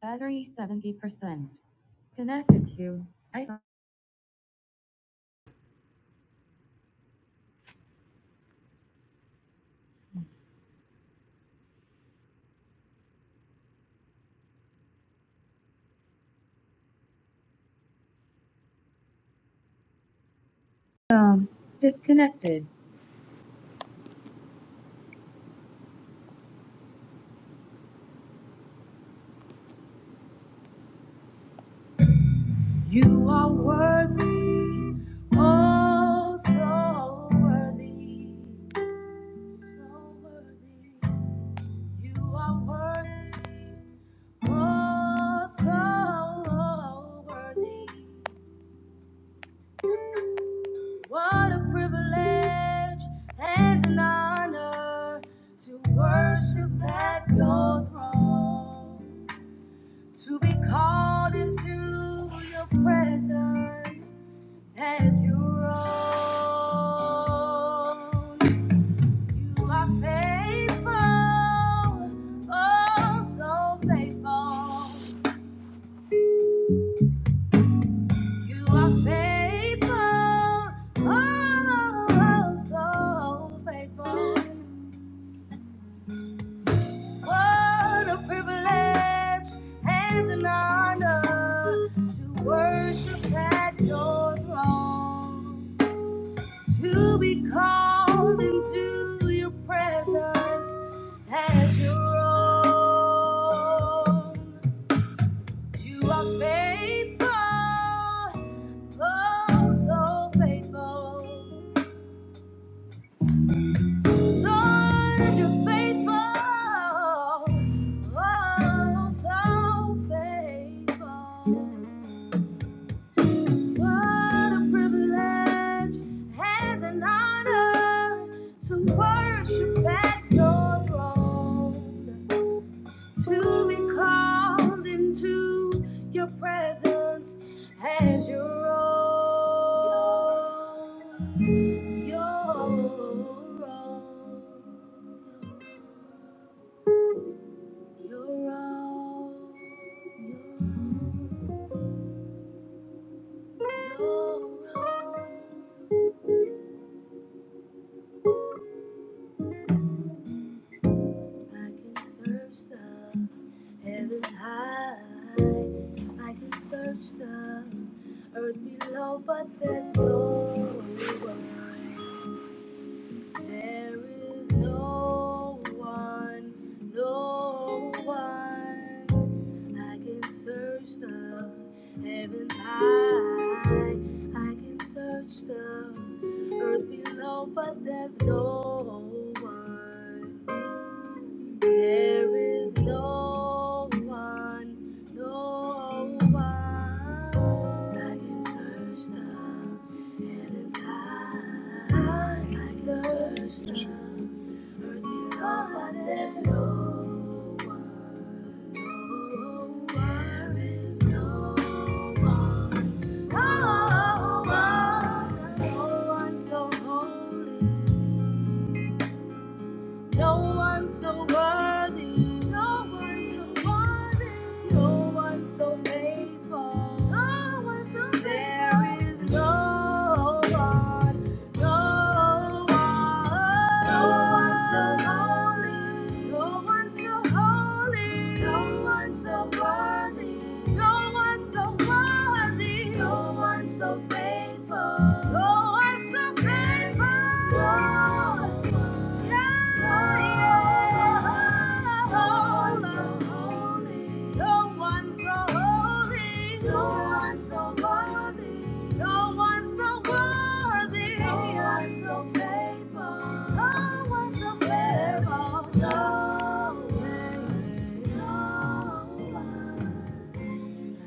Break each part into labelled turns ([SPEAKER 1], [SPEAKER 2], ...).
[SPEAKER 1] Battery 70%. Connected to iPhone. Um, Disconnected. You are worthy, oh, so worthy, so worthy. You are worthy, oh, so worthy. What a privilege and an honor to worship at your throne. to be called into your presence as your own. You are faithful, oh, so faithful. You are faithful, oh, so faithful. What a privilege and an honor to worship at your throne. to be called into your presence as your own. You are faithful, oh, so faithful. Lord, you're faithful, oh, so faithful. What a privilege and an honor to worship at your throne, to be called into your presence as your own. Your own. Your own. Your own. I can search the Heaven's high, I can search the earth below, but there's no one. There is no one, no one. I can search the heavens high, I can search the earth below, but there's no one. There is no one, no one I can search the heavens high, like search the earth below. there's no one. There is no one, no one, no one so holy. No one so worthy, no one so worthy, no one so faithful, no one so faithful. There is no one, no one, no one so holy, no one so holy, no one so worthy, no one so worthy, no one so faithful, no one so faithful. No. one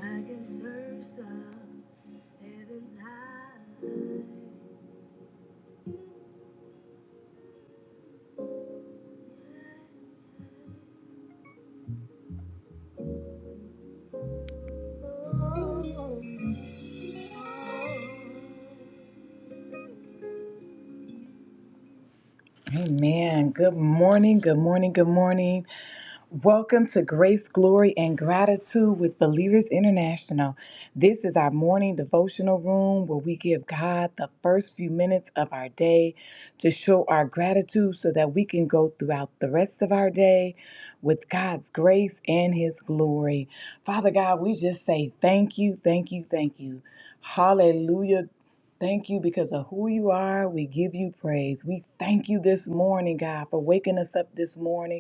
[SPEAKER 1] I can search the heavens high. Amen. Good morning. Good morning. Good morning. Welcome to Grace, Glory, and Gratitude with Believers International. This is our morning devotional room where we give God the first few minutes of our day to show our gratitude so that we can go throughout the rest of our day with God's grace and His glory. Father God, we just say thank you, thank you, thank you. Hallelujah. Thank you because of who you are. We give you praise. We thank you this morning, God, for waking us up this morning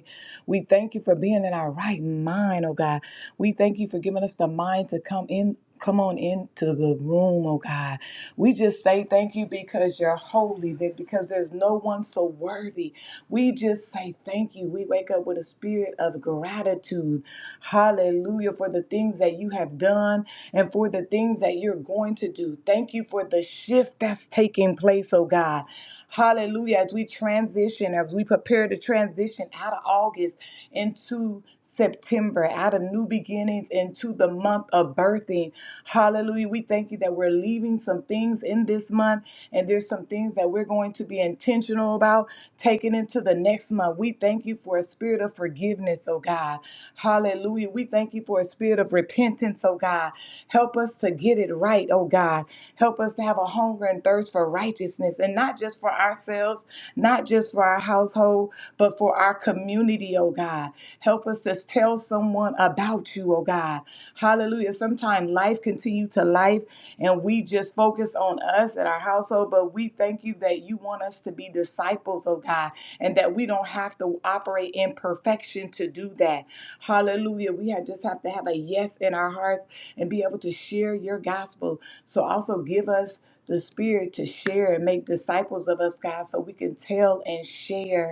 [SPEAKER 1] we thank you for being in our right mind, oh God. We thank you for giving us the mind to come in. Come on into the room, oh God. We just say thank you because you're holy, that because there's no one so worthy. We just say thank you. We wake up with a spirit of gratitude. Hallelujah for the things that you have done and for the things that you're going to do. Thank you for the shift that's taking place, oh God. Hallelujah. As we transition, as we prepare to transition out of August into September, out of new beginnings into the month of birthing. Hallelujah. We thank you that we're leaving some things in this month, and there's some things that we're going to be intentional about taking into the next month. We thank you for a spirit of forgiveness, oh God. Hallelujah. We thank you for a spirit of repentance, oh God. Help us to get it right, oh God. Help us to have a hunger and thirst for righteousness, and not just for ourselves, not just for our household, but for our community, oh God. Help us to tell someone about you, oh God. Hallelujah. Sometimes life continue to life and we just focus on us and our household, but we thank you that you want us to be disciples, oh God, and that we don't have to operate in perfection to do that. Hallelujah. We have just have to have a yes in our hearts and be able to share your gospel. So also give us the spirit to share and make disciples of us, God, so we can tell and share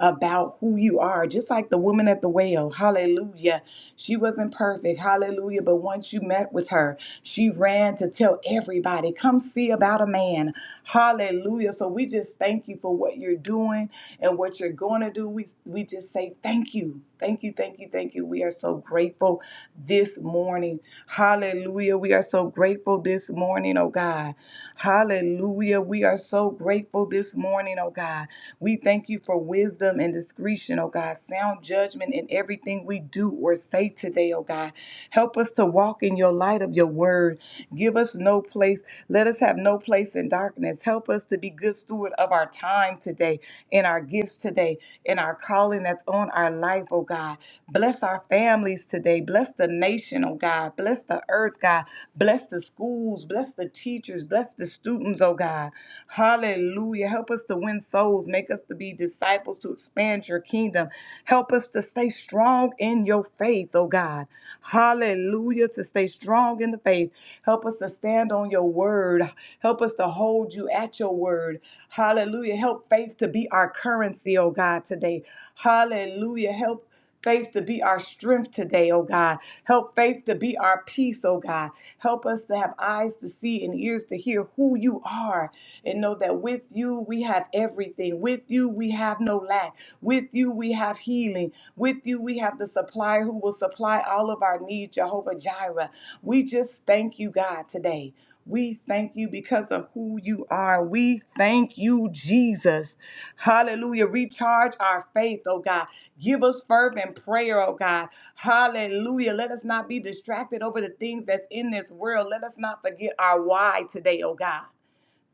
[SPEAKER 1] about who you are, just like the woman at the well. Hallelujah. She wasn't perfect. Hallelujah. But once you met with her, she ran to tell everybody, come see about a man. Hallelujah. So we just thank you for what you're doing and what you're going to do. We, we just say thank you. Thank you, thank you, thank you. We are so grateful this morning. Hallelujah. We are so grateful this morning, oh God. Hallelujah. We are so grateful this morning, oh God. We thank you for wisdom and discretion, oh God, sound judgment in everything we do or say today, oh God. Help us to walk in your light of your word. Give us no place, let us have no place in darkness. Help us to be good steward of our time today, in our gifts today, in our calling that's on our life, oh God. Bless our families today. Bless the nation, oh God. Bless the earth, God. Bless the schools, bless the teachers, bless the students, oh God. Hallelujah. Help us to win souls. Make us to be disciples to expand your kingdom. Help us to stay strong in your faith, oh God. Hallelujah. To stay strong in the faith. Help us to stand on your word. Help us to hold you at your word. Hallelujah. Help faith to be our currency, oh God, today. Hallelujah. Help. Faith to be our strength today, oh God. Help faith to be our peace, oh God. Help us to have eyes to see and ears to hear who you are and know that with you we have everything. With you we have no lack. With you we have healing. With you we have the supplier who will supply all of our needs, Jehovah Jireh. We just thank you, God, today. We thank you because of who you are. We thank you, Jesus. Hallelujah. Recharge our faith, oh God. Give us fervent prayer, oh God. Hallelujah. Let us not be distracted over the things that's in this world. Let us not forget our why today, oh God.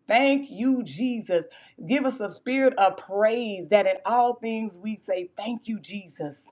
[SPEAKER 1] Thank you, Jesus. Give us a spirit of praise that in all things we say, Thank you, Jesus.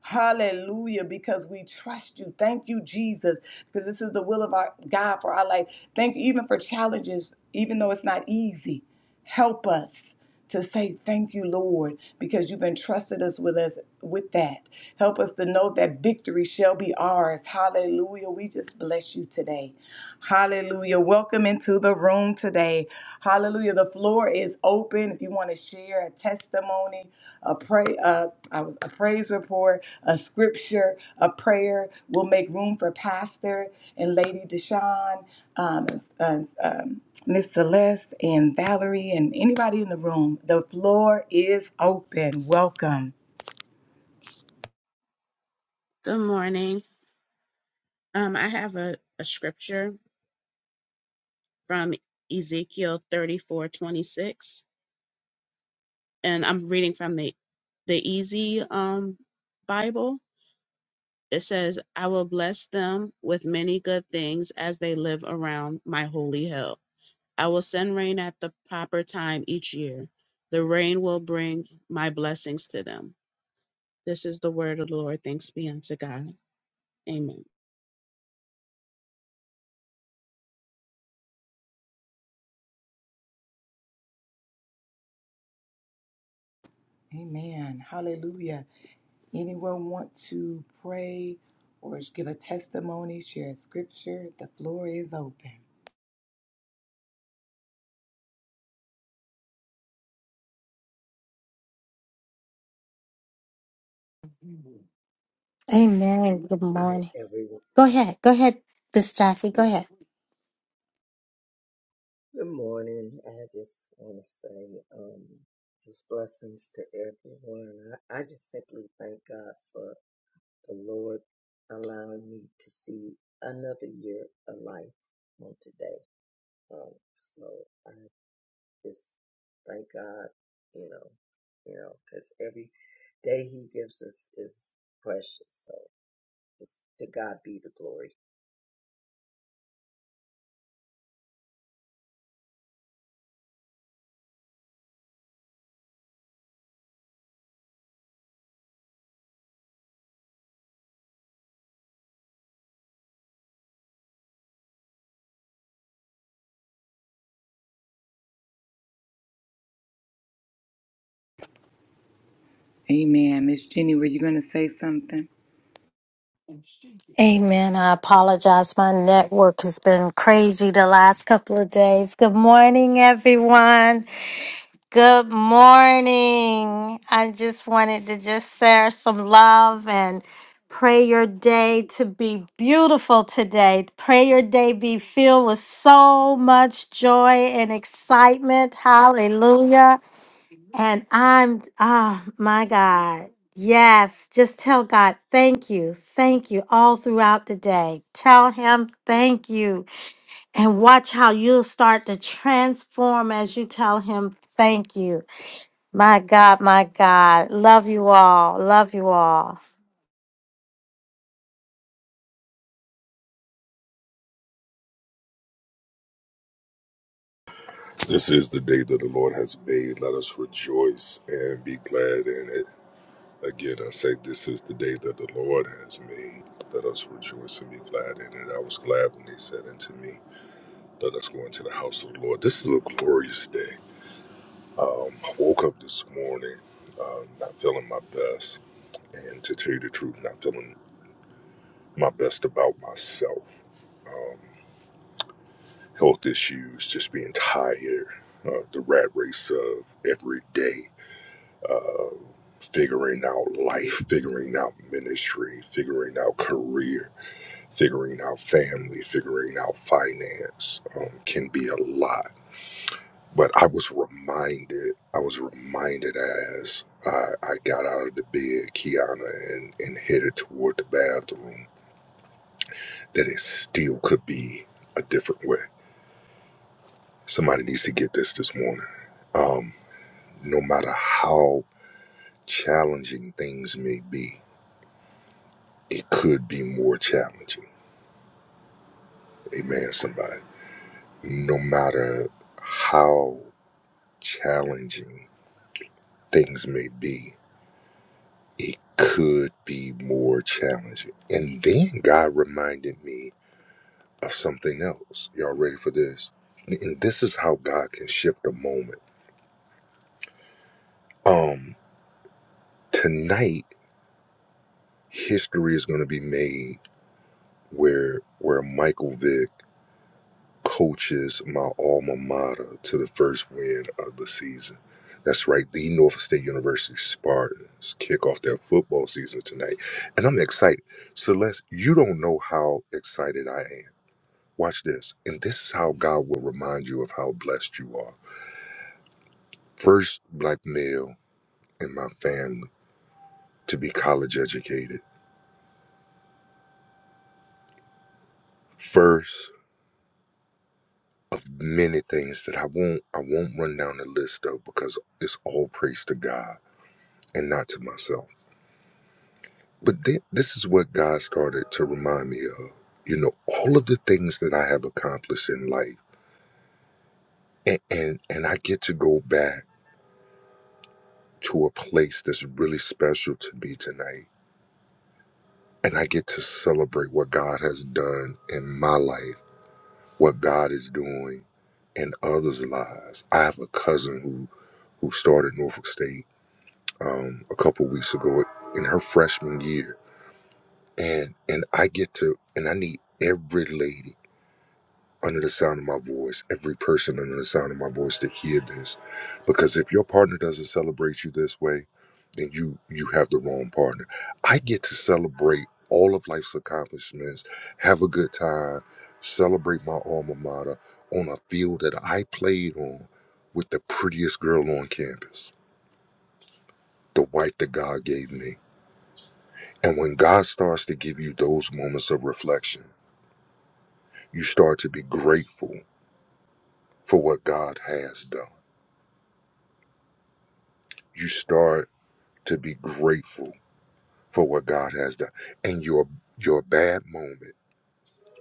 [SPEAKER 1] Hallelujah, because we trust you. Thank you, Jesus, because this is the will of our God for our life. Thank you, even for challenges, even though it's not easy. Help us to say thank you, Lord, because you've entrusted us with us with that. Help us to know that victory shall be ours. Hallelujah. We just bless you today. Hallelujah. Welcome into the room today. Hallelujah. The floor is open. If you want to share a testimony, a pray, a, a, a praise report, a scripture, a prayer, we'll make room for Pastor and Lady Deshawn, um, and, uh, um, Miss Celeste and Valerie and anybody in the room. The floor is open. Welcome.
[SPEAKER 2] Good morning. Um, I have a, a scripture from Ezekiel thirty four twenty six, and I'm reading from the, the Easy um, Bible. It says, I will bless them with many good things as they live around my holy hill. I will send rain at the proper time each year. The rain will bring my blessings to them. This is the word of the Lord. Thanks be unto God. Amen.
[SPEAKER 1] Amen. Hallelujah. Anyone want to pray or give a testimony, share a scripture? The floor is open.
[SPEAKER 3] Amen. Good
[SPEAKER 4] Hi,
[SPEAKER 3] morning.
[SPEAKER 4] everyone.
[SPEAKER 3] Go ahead. Go ahead, Miss Jackie. Go ahead.
[SPEAKER 4] Good morning. I just want to say um, just blessings to everyone. I, I just simply thank God for the Lord allowing me to see another year of life on today. Um, so I just thank God, you know, you know, because every day He gives us is precious. So just to God be the glory.
[SPEAKER 1] Amen. Miss Jenny, were you going to say something?
[SPEAKER 3] Amen. I apologize. My network has been crazy the last couple of days. Good morning, everyone. Good morning. I just wanted to just share some love and pray your day to be beautiful today. Pray your day be filled with so much joy and excitement. Hallelujah. And I'm, ah, my God. Yes. Just tell God, thank you. Thank you all throughout the day. Tell Him, thank you. And watch how you'll start to transform as you tell Him, thank you. My God, my God. Love you all. Love you all.
[SPEAKER 5] This is the day that the Lord has made. Let us rejoice and be glad in it. Again, I say, this is the day that the Lord has made. Let us rejoice and be glad in it. I was glad when they said unto me, Let us go into the house of the Lord. This is a glorious day. Um, I woke up this morning um, not feeling my best. And to tell you the truth, not feeling my best about myself. Um, health issues, just being tired, uh, the rat race of every day uh, figuring out life, figuring out ministry, figuring out career, figuring out family, figuring out finance um, can be a lot. But I was reminded, I was reminded as I, I got out of the bed, Kiana, and, and headed toward the bathroom, that it still could be a different way. Somebody needs to get this this morning. Um, no matter how challenging things may be, it could be more challenging. Amen, somebody. No matter how challenging things may be, it could be more challenging. And then God reminded me of something else. Y'all ready for this? And this is how God can shift a moment. Um, tonight, history is going to be made where where Michael Vick coaches my alma mater to the first win of the season. That's right, the Norfolk State University Spartans kick off their football season tonight, and I'm excited. Celeste, you don't know how excited I am. Watch this, and this is how God will remind you of how blessed you are. First black male in my family to be college educated. First of many things that I won't I won't run down the list of because it's all praise to God and not to myself. But then, this is what God started to remind me of. You know, all of the things that I have accomplished in life, and and, and I get to go back to a place that's really special to me tonight, and I get to celebrate what God has done in my life, what God is doing in others' lives. I have a cousin who who started Norfolk State um, a couple weeks ago in her freshman year, and and I get to, and I need every lady. under the sound of my voice, every person under the sound of my voice that hear this. Because if your partner doesn't celebrate you this way, then you you have the wrong partner. I get to celebrate all of life's accomplishments, have a good time, celebrate my alma mater on a field that I played on with the prettiest girl on campus, the wife that God gave me. And when God starts to give you those moments of reflection, you start to be grateful for what God has done you start to be grateful for what God has done. And your your bad moment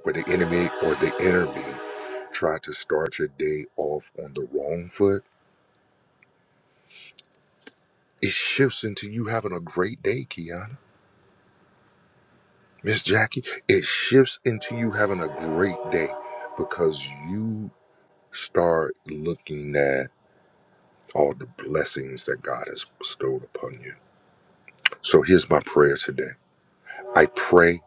[SPEAKER 5] where the enemy or the enemy try to start your day off on the wrong foot, it shifts into you having a great day, Kiana. Miss Jackie, it shifts into you having a great day because you start looking at all the blessings that God has bestowed upon you. So here's my prayer today. I pray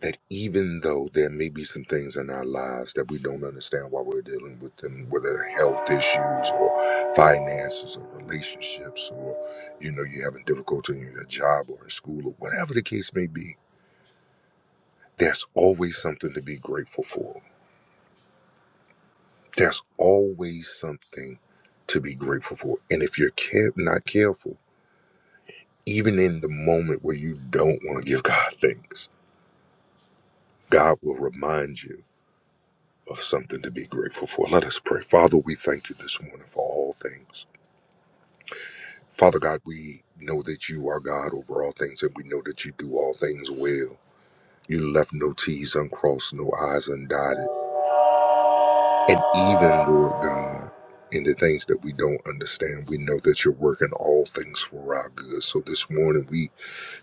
[SPEAKER 5] that even though there may be some things in our lives that we don't understand why we're dealing with them, whether health issues or finances or relationships or you know you're having difficulty in your job or in school or whatever the case may be, there's always something to be grateful for. There's always something to be grateful for. And if you're care- not careful, even in the moment where you don't want to give God thanks, God will remind you of something to be grateful for. Let us pray. Father, we thank you this morning for all things. Father God, we know that you are God over all things, and we know that you do all things well. You left no T's uncrossed, no I's undotted. And even, Lord God, in the things that we don't understand, we know that you're working all things for our good. So this morning, we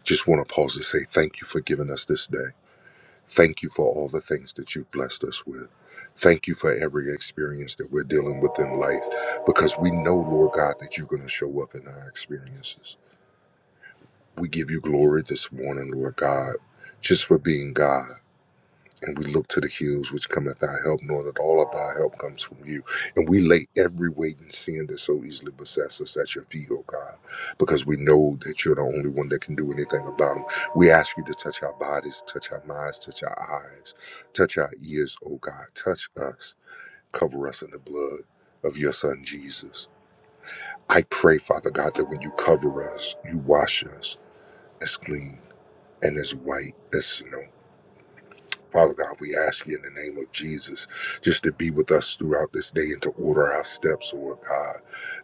[SPEAKER 5] just want to pause to say thank you for giving us this day. Thank you for all the things that you've blessed us with. Thank you for every experience that we're dealing with in life because we know, Lord God, that you're going to show up in our experiences. We give you glory this morning, Lord God, just for being God. And we look to the hills which cometh our help, knowing that all of our help comes from you. And we lay every weight and sin that so easily besets us at your feet, oh God, because we know that you're the only one that can do anything about them. We ask you to touch our bodies, touch our minds, touch our eyes, touch our ears, oh God. Touch us, cover us in the blood of your Son, Jesus. I pray, Father God, that when you cover us, you wash us as clean and as white as snow. Father God, we ask you in the name of Jesus just to be with us throughout this day and to order our steps, Lord God,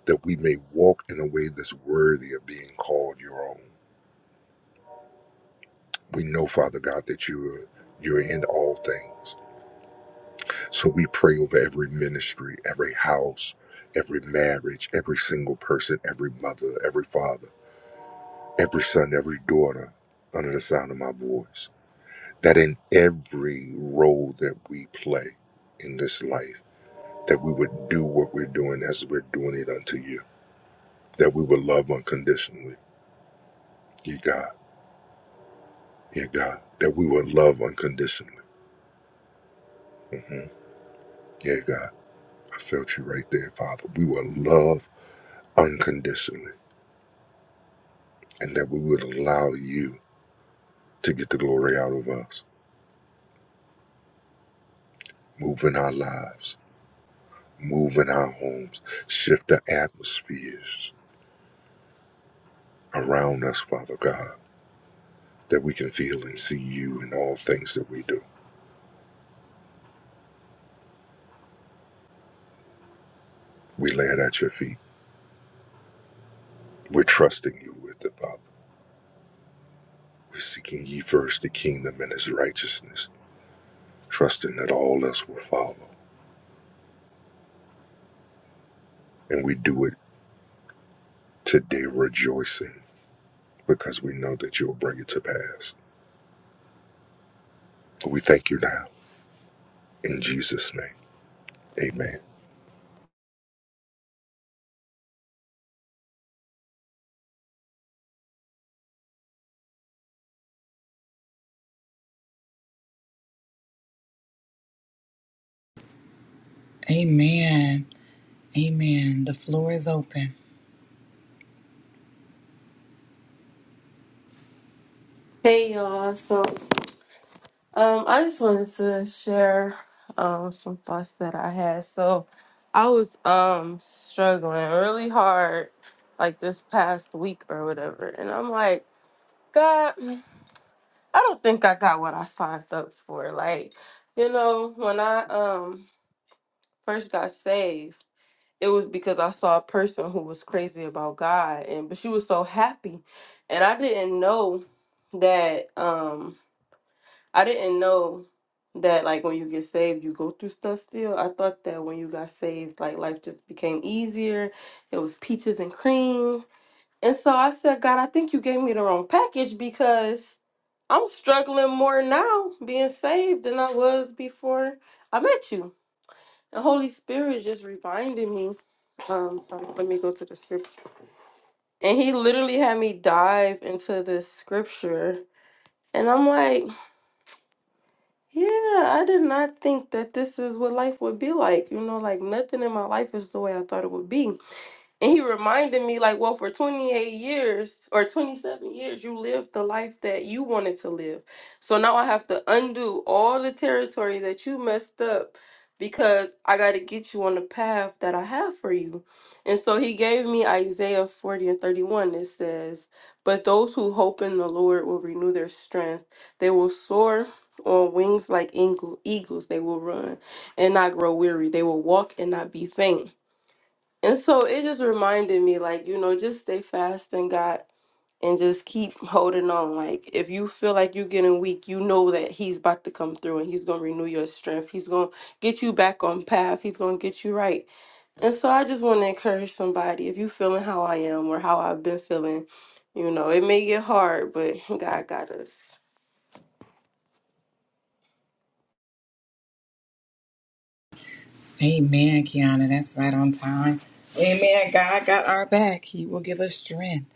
[SPEAKER 5] that we may walk in a way that's worthy of being called your own. We know, Father God, that you're you're in all things. So we pray over every ministry, every house, every marriage, every single person, every mother, every father, every son, every daughter under the sound of my voice. That in every role that we play in this life that we would do what we're doing as we're doing it unto you, that we would love unconditionally, yeah, God, yeah, God, that we would love unconditionally. hmm Yeah, God, I felt you right there, Father. We would love unconditionally, and that we would allow you to get the glory out of us, move in our lives, move in our homes, shift the atmospheres around us, Father God, that we can feel and see you in all things that we do. We lay it at your feet. We're trusting you with it, Father. But seeking ye first the kingdom and his righteousness, trusting that all else will follow. And we do it today rejoicing because we know that you'll bring it to pass. We thank you now in Jesus' name. Amen.
[SPEAKER 1] Amen. Amen. The floor is open.
[SPEAKER 6] Hey y'all. So, um, I just wanted to share um some thoughts that I had. So, I was um struggling really hard like this past week or whatever, and I'm like, God, I don't think I got what I signed up for. Like, you know, when I um first got saved, it was because I saw a person who was crazy about God, and but she was so happy, and I didn't know that um I didn't know that like when you get saved, you go through stuff still. I thought that when you got saved, like life just became easier. It was peaches and cream. And so I said, God, I think you gave me the wrong package because I'm struggling more now being saved than I was before I met you. And Holy Spirit just reminded me. Um, sorry, let me go to the scripture. And he literally had me dive into this scripture. And I'm like, Yeah, I did not think that this is what life would be like. You know, like nothing in my life is the way I thought it would be. And he reminded me, like, well, for 28 years or 27 years, you lived the life that you wanted to live. So now I have to undo all the territory that you messed up because I got to get you on the path that I have for you. And so he gave me Isaiah 40 and 31. It says, But those who hope in the Lord will renew their strength, they will soar. On wings like eagle, eagles, they will run and not grow weary. They will walk and not be faint. And so it just reminded me, like, you know, just stay fast in God and just keep holding on. Like, if you feel like you're getting weak, you know that He's about to come through and He's going to renew your strength. He's going to get you back on path. He's going to get you right. And so I just want to encourage somebody if you feeling how I am or how I've been feeling, you know, it may get hard, but God got us.
[SPEAKER 1] Amen, Kiana. That's right on time. Amen. God got our back. He will give us strength.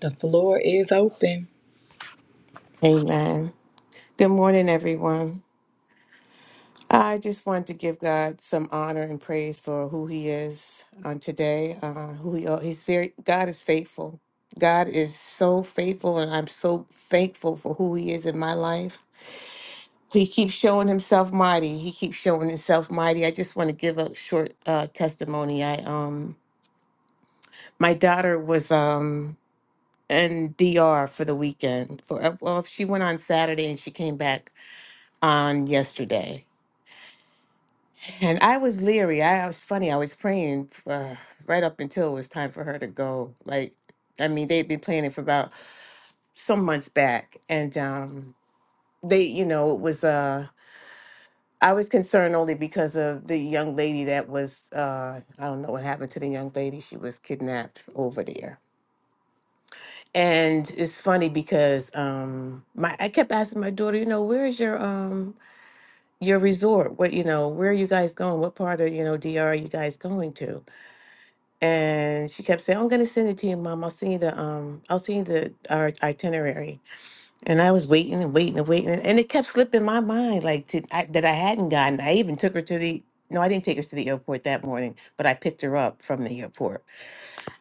[SPEAKER 1] The floor is open.
[SPEAKER 7] Amen. Good morning, everyone. I just want to give God some honor and praise for who He is on today. Uh, who He are. He's very God is faithful. God is so faithful, and I'm so thankful for who He is in my life. He keeps showing Himself mighty. He keeps showing Himself mighty. I just want to give a short uh, testimony. I um, my daughter was um in DR for the weekend. For uh, well, she went on Saturday and she came back on yesterday And I was leery. I was funny. I was praying uh, right up until it was time for her to go. Like, I mean, they'd been planning for about some months back, and um, they, you know, it was. Uh, I was concerned only because of the young lady that was. Uh, I don't know what happened to the young lady. She was kidnapped over there, and it's funny because um, my I kept asking my daughter, you know, where is your um your resort? What you know, where are you guys going? What part of you know DR are you guys going to? And she kept saying, I'm gonna send it to you, mom. I'll send you the um I'll send you the our itinerary. And I was waiting and waiting and waiting and it kept slipping my mind like to, I, that I hadn't gotten. I even took her to the no, I didn't take her to the airport that morning, but I picked her up from the airport.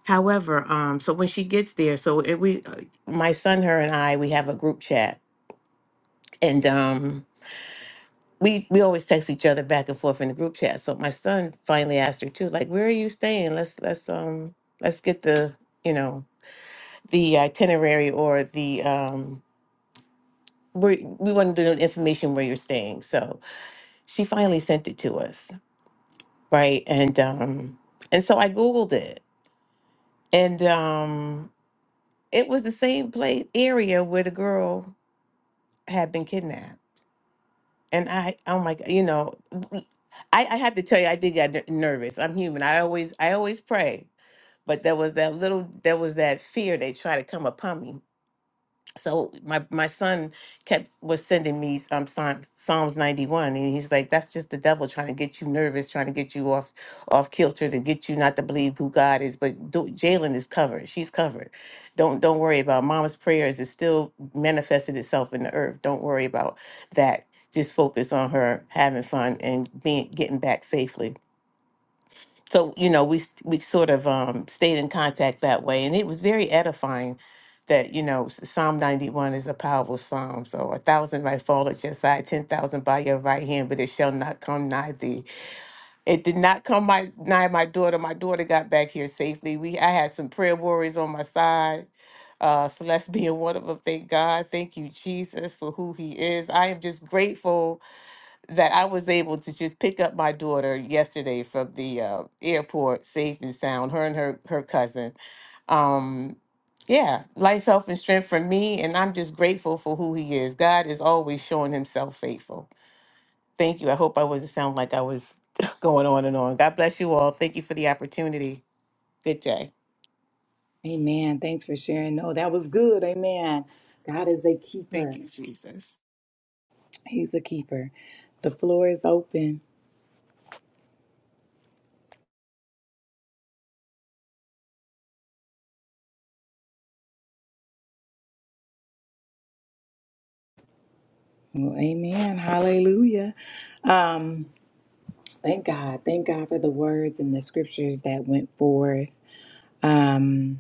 [SPEAKER 7] However, um so when she gets there, so it, we uh, my son, her and I, we have a group chat and um we, we always text each other back and forth in the group chat. So my son finally asked her too, like, where are you staying? Let's let's um let's get the you know the itinerary or the um where we wanted to know the information where you're staying. So she finally sent it to us, right? And um and so I googled it. And um it was the same place area where the girl had been kidnapped. And I oh my god, you know, w- I I have to tell you I did get ner- nervous. I'm human. I always I always pray. But there was that little there was that fear they try to come upon me so my my son kept was sending me um Psalms, Psalms 91 and he's like that's just the devil trying to get you nervous trying to get you off off kilter to get you not to believe who God is but do, Jalen is covered she's covered don't don't worry about mama's prayers it still manifested itself in the earth don't worry about that just focus on her having fun and being getting back safely so you know we st- we sort of um, stayed in contact that way and it was very edifying that you know s- psalm 91 is a powerful psalm so a thousand might fall at your side ten thousand by your right hand but it shall not come nigh thee it did not come my, nigh my daughter my daughter got back here safely we i had some prayer warriors on my side uh celeste being one of them thank god thank you jesus for who he is i am just grateful that I was able to just pick up my daughter yesterday from the uh, airport, safe and sound. Her and her her cousin. Um, yeah, life, health, and strength for me, and I'm just grateful for who He is. God is always showing Himself faithful. Thank you. I hope I wasn't sound like I was going on and on. God bless you all. Thank you for the opportunity. Good day.
[SPEAKER 1] Amen. Thanks for sharing. No, that was good. Amen. God is a
[SPEAKER 7] Thank
[SPEAKER 1] keeper.
[SPEAKER 7] you, Jesus.
[SPEAKER 1] He's a keeper. The floor is open. Well, amen. Hallelujah. Um, thank God. Thank God for the words and the scriptures that went forth. Um,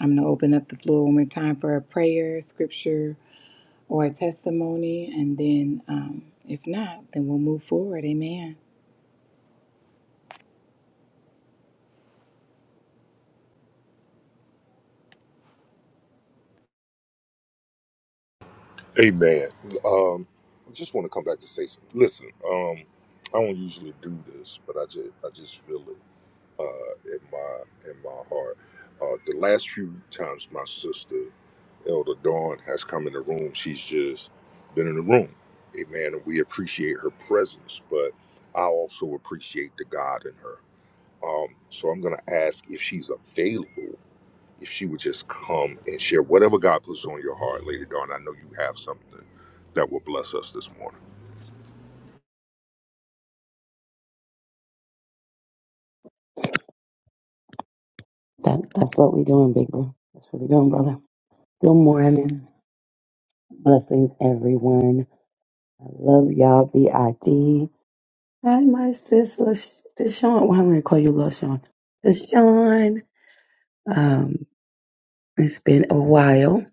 [SPEAKER 1] I'm going to open up the floor one more time for a prayer, scripture, or a testimony. And then, um, if not, then we'll move forward. Amen.
[SPEAKER 5] Amen. Um, I just want to come back to say something. Listen, um, I don't usually do this, but I just I just feel it uh, in my in my heart. Uh, the last few times my sister, Elder Dawn, has come in the room, she's just been in the room. Amen. And we appreciate her presence, but I also appreciate the God in her. Um, so I'm going to ask if she's available if she would just come and share whatever God puts on your heart, Lady Dawn. I know you have something that will bless us this morning.
[SPEAKER 8] That that's what we're doing, big bro. That's what we're doing, brother. Good morning. Blessings, everyone. I love y'all, B.I.D. Hi, my sis, Lash- Deshaun. Well, I'm going to call you Lil Sean. Deshaun, um, it's been a while,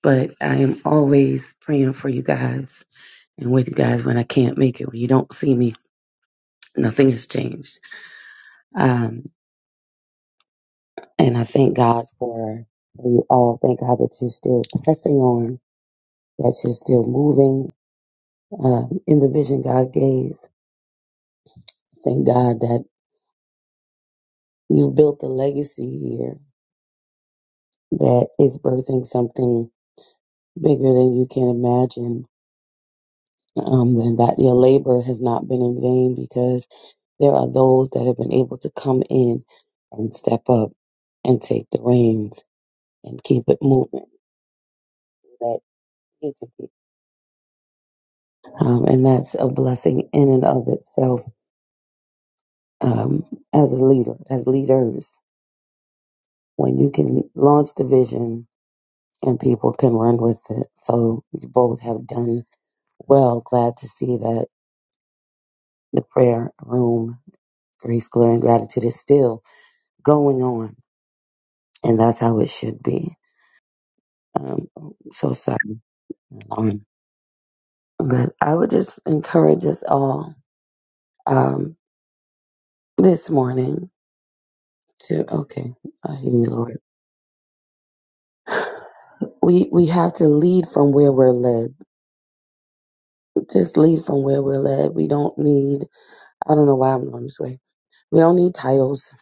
[SPEAKER 8] but I am always praying for you guys and with you guys when I can't make it, when you don't see me. Nothing has changed. Um, and I thank God for you all. Thank God that you're still pressing on, that you're still moving, um, in the vision God gave. Thank God that you've built a legacy here that is birthing something bigger than you can imagine, um, and that your labor has not been in vain because there are those that have been able to come in and step up and take the reins and keep it moving. That you can be. Um, and that's a blessing in and of itself um, as a leader, as leaders. When you can launch the vision and people can run with it. So you both have done well. Glad to see that the prayer room, grace, glory, and gratitude is still going on, and that's how it should be. Um, so sorry, Lauren, but I would just encourage us all um, this morning to okay, I hear you, Lord. We we have to lead from where we're led. Just lead from where we're led. We don't need. I don't know why I'm going this way. We don't need titles.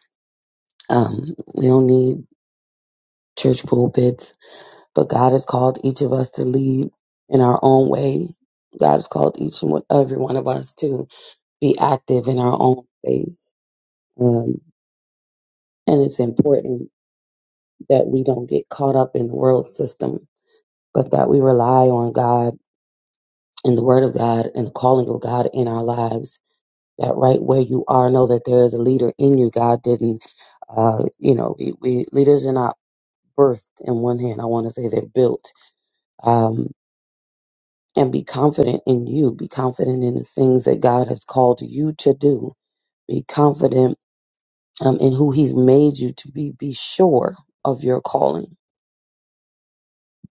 [SPEAKER 8] Um, we don't need church pulpits, but God has called each of us to lead in our own way. God has called each and one- every one of us to be active in our own space. Um, and it's important that we don't get caught up in the world system, but that we rely on God and the Word of God and the calling of God in our lives. That right where you are, know that there is a leader in you. God didn't, uh, you know, we, we leaders are not birthed in one hand. I want to say they're built. Um, and be confident in you. Be confident in the things that God has called you to do. Be confident um, in who He's made you to be. Be sure of your calling.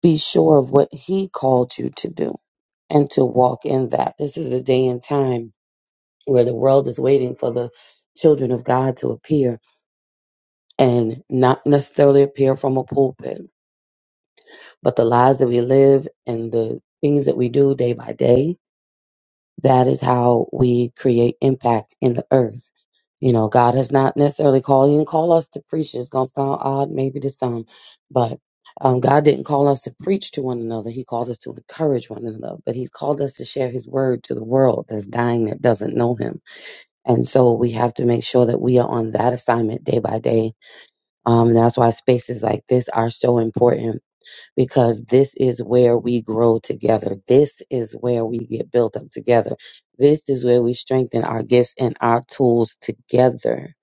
[SPEAKER 8] Be sure of what He called you to do and to walk in that. This is a day and time where the world is waiting for the children of God to appear and not necessarily appear from a pulpit, but the lives that we live and the things that we do day by day That is how we create impact in the earth. You know, God has not necessarily called you and call us to preach. It's gonna sound odd maybe to some, but um, God didn't call us to preach to one another. He called us to encourage one another. But He's called us to share His word to the world that's dying that doesn't know Him. And so we have to make sure that we are on that assignment day by day. Um, and that's why spaces like this are so important because this is where we grow together. This is where we get built up together. This is where we strengthen our gifts and our tools together.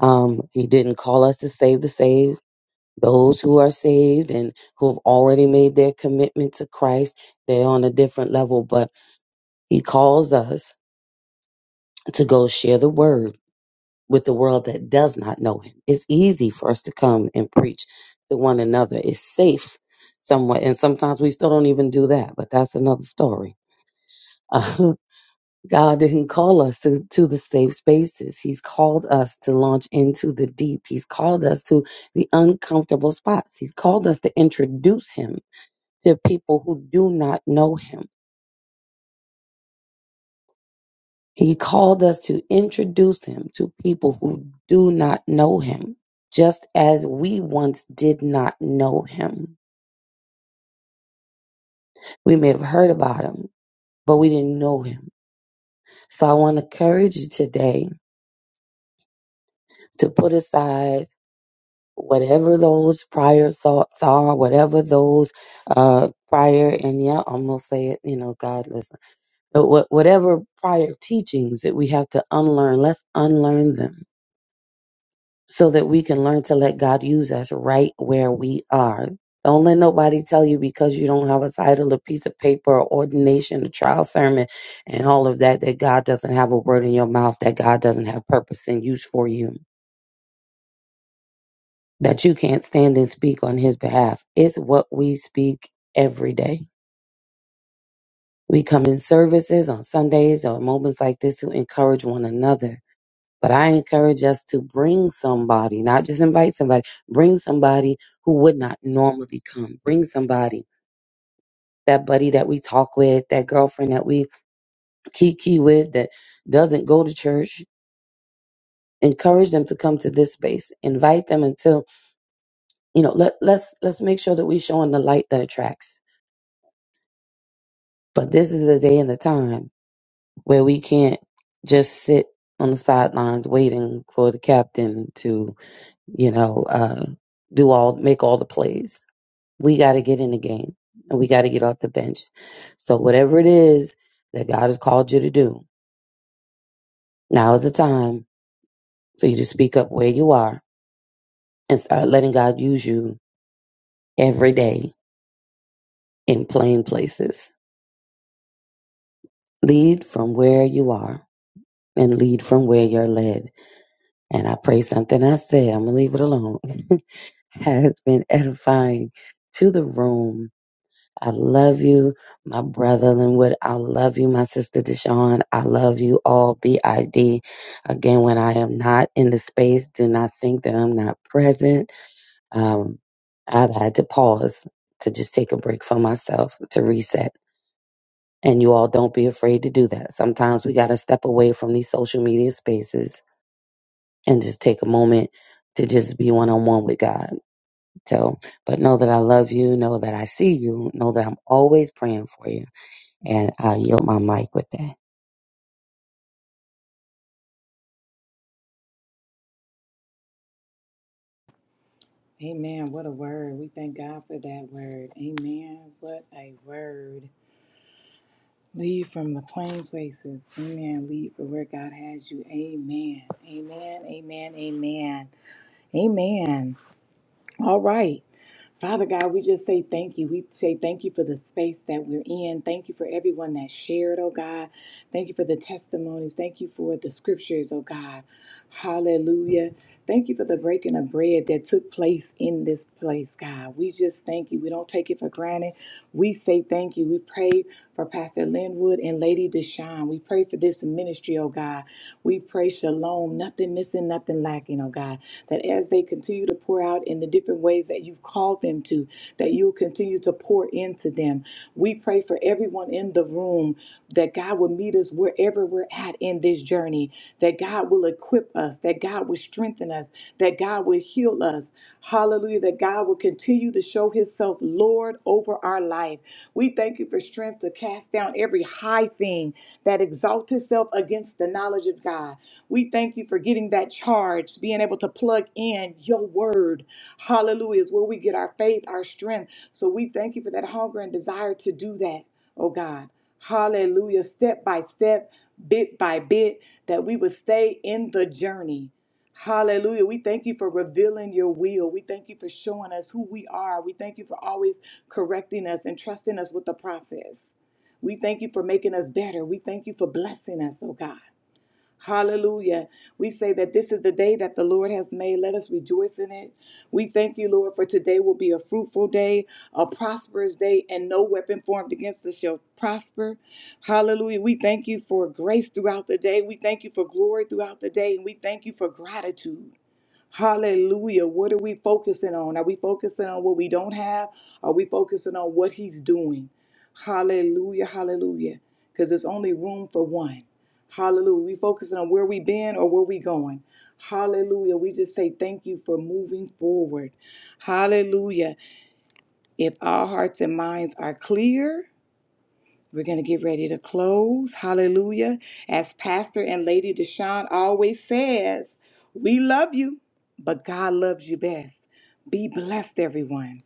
[SPEAKER 8] Um, he didn't call us to save the saved. Those who are saved and who have already made their commitment to Christ, they're on a different level, but he calls us to go share the word with the world that does not know him. It's easy for us to come and preach to one another. It's safe somewhat. And sometimes we still don't even do that, but that's another story. Uh, God didn't call us to, to the safe spaces. He's called us to launch into the deep. He's called us to the uncomfortable spots. He's called us to introduce him to people who do not know him He called us to introduce him to people who do not know him, just as we once did not know him. We may have heard about him, but we didn't know him. So I want to encourage you today to put aside whatever those prior thoughts are, whatever those uh, prior, and yeah, I'm going to say it, you know, God, listen, but wha- whatever prior teachings that we have to unlearn, let's unlearn them so that we can learn to let God use us right where we are. Don't let nobody tell you because you don't have a title, a piece of paper, or ordination, a trial sermon, and all of that, that God doesn't have a word in your mouth, that God doesn't have purpose and use for you, that you can't stand and speak on His behalf. It's what we speak every day. We come in services on Sundays or moments like this to encourage one another But I encourage us to bring somebody, not just invite somebody, bring somebody who would not normally come. Bring somebody, that buddy that we talk with, that girlfriend that we kiki with that doesn't go to church. Encourage them to come to this space. Invite them until, you know, let, let's let's make sure that we showing the light that attracts. But this is the day and the time where we can't just sit on the sidelines waiting for the captain to, you know, uh, do all make all the plays We got to get in the game and we got to get off the bench. So, whatever it is that God has called you to do, now is the time for you to speak up where you are and start letting God use you every day in plain places. Lead from where you are and lead from where you're led. And I pray something I said, I'm going to leave it alone, has been edifying to the room I love you, my brother Linwood. I love you, my sister Deshawn. I love you all, BID. Again, when I am not in the space, do not think that I'm not present. Um, I've had to pause to just take a break for myself to reset. And you all don't be afraid to do that. Sometimes we got to step away from these social media spaces and just take a moment to just be one on one with God. So, but know that I love you. Know that I see you. Know that I'm always praying for you and I'll yield my mic with that.
[SPEAKER 1] Amen. What a word. We thank God for that word. Amen. What a word. Lead from the plain places. Amen. Lead for where God has you. Amen. Amen. Amen. Amen. Amen. All right. Father God, we just say thank you. We say thank you for the space that we're in. Thank you for everyone that shared, oh God. Thank you for the testimonies. Thank you for the scriptures, oh God. Hallelujah. Thank you for the breaking of bread that took place in this place, God. We just thank you. We don't take it for granted. We say thank you. We pray for Pastor Linwood and Lady Deshawn. We pray for this ministry, oh God. We pray shalom, nothing missing, nothing lacking, oh God that as they continue to pour out in the different ways that you've called them to, that you'll continue to pour into them. We pray for everyone in the room that God will meet us wherever we're at in this journey, that God will equip us, that God will strengthen us, that God will heal us. Hallelujah, that God will continue to show Himself Lord over our life. We thank you for strength to cast down every high thing that exalts itself against the knowledge of God. We thank you for getting that charge, being able to plug in your word. Hallelujah, is where we get our faith, our strength. So we thank you for that hunger and desire to do that, oh God. Hallelujah, step by step, bit by bit, that we would stay in the journey. Hallelujah. We thank you for revealing your will. We thank you for showing us who we are. We thank you for always correcting us and trusting us with the process. We thank you for making us better. We thank you for blessing us, oh God. Hallelujah. We say that this is the day that the Lord has made. Let us rejoice in it. We thank you, Lord, for today will be a fruitful day, a prosperous day, and no weapon formed against us shall prosper. Hallelujah. We thank you for grace throughout the day. We thank you for glory throughout the day. And we thank you for gratitude. Hallelujah. What are we focusing on? Are we focusing on what we don't have? Are we focusing on what he's doing? Hallelujah. Hallelujah. Because there's only room for one. Hallelujah. We focusing on where we been or where we going. Hallelujah. We just say thank you for moving forward. Hallelujah. If our hearts and minds are clear, we're going to get ready to close. Hallelujah. As Pastor and Lady Deshawn always says, we love you, but God loves you best. Be blessed, everyone.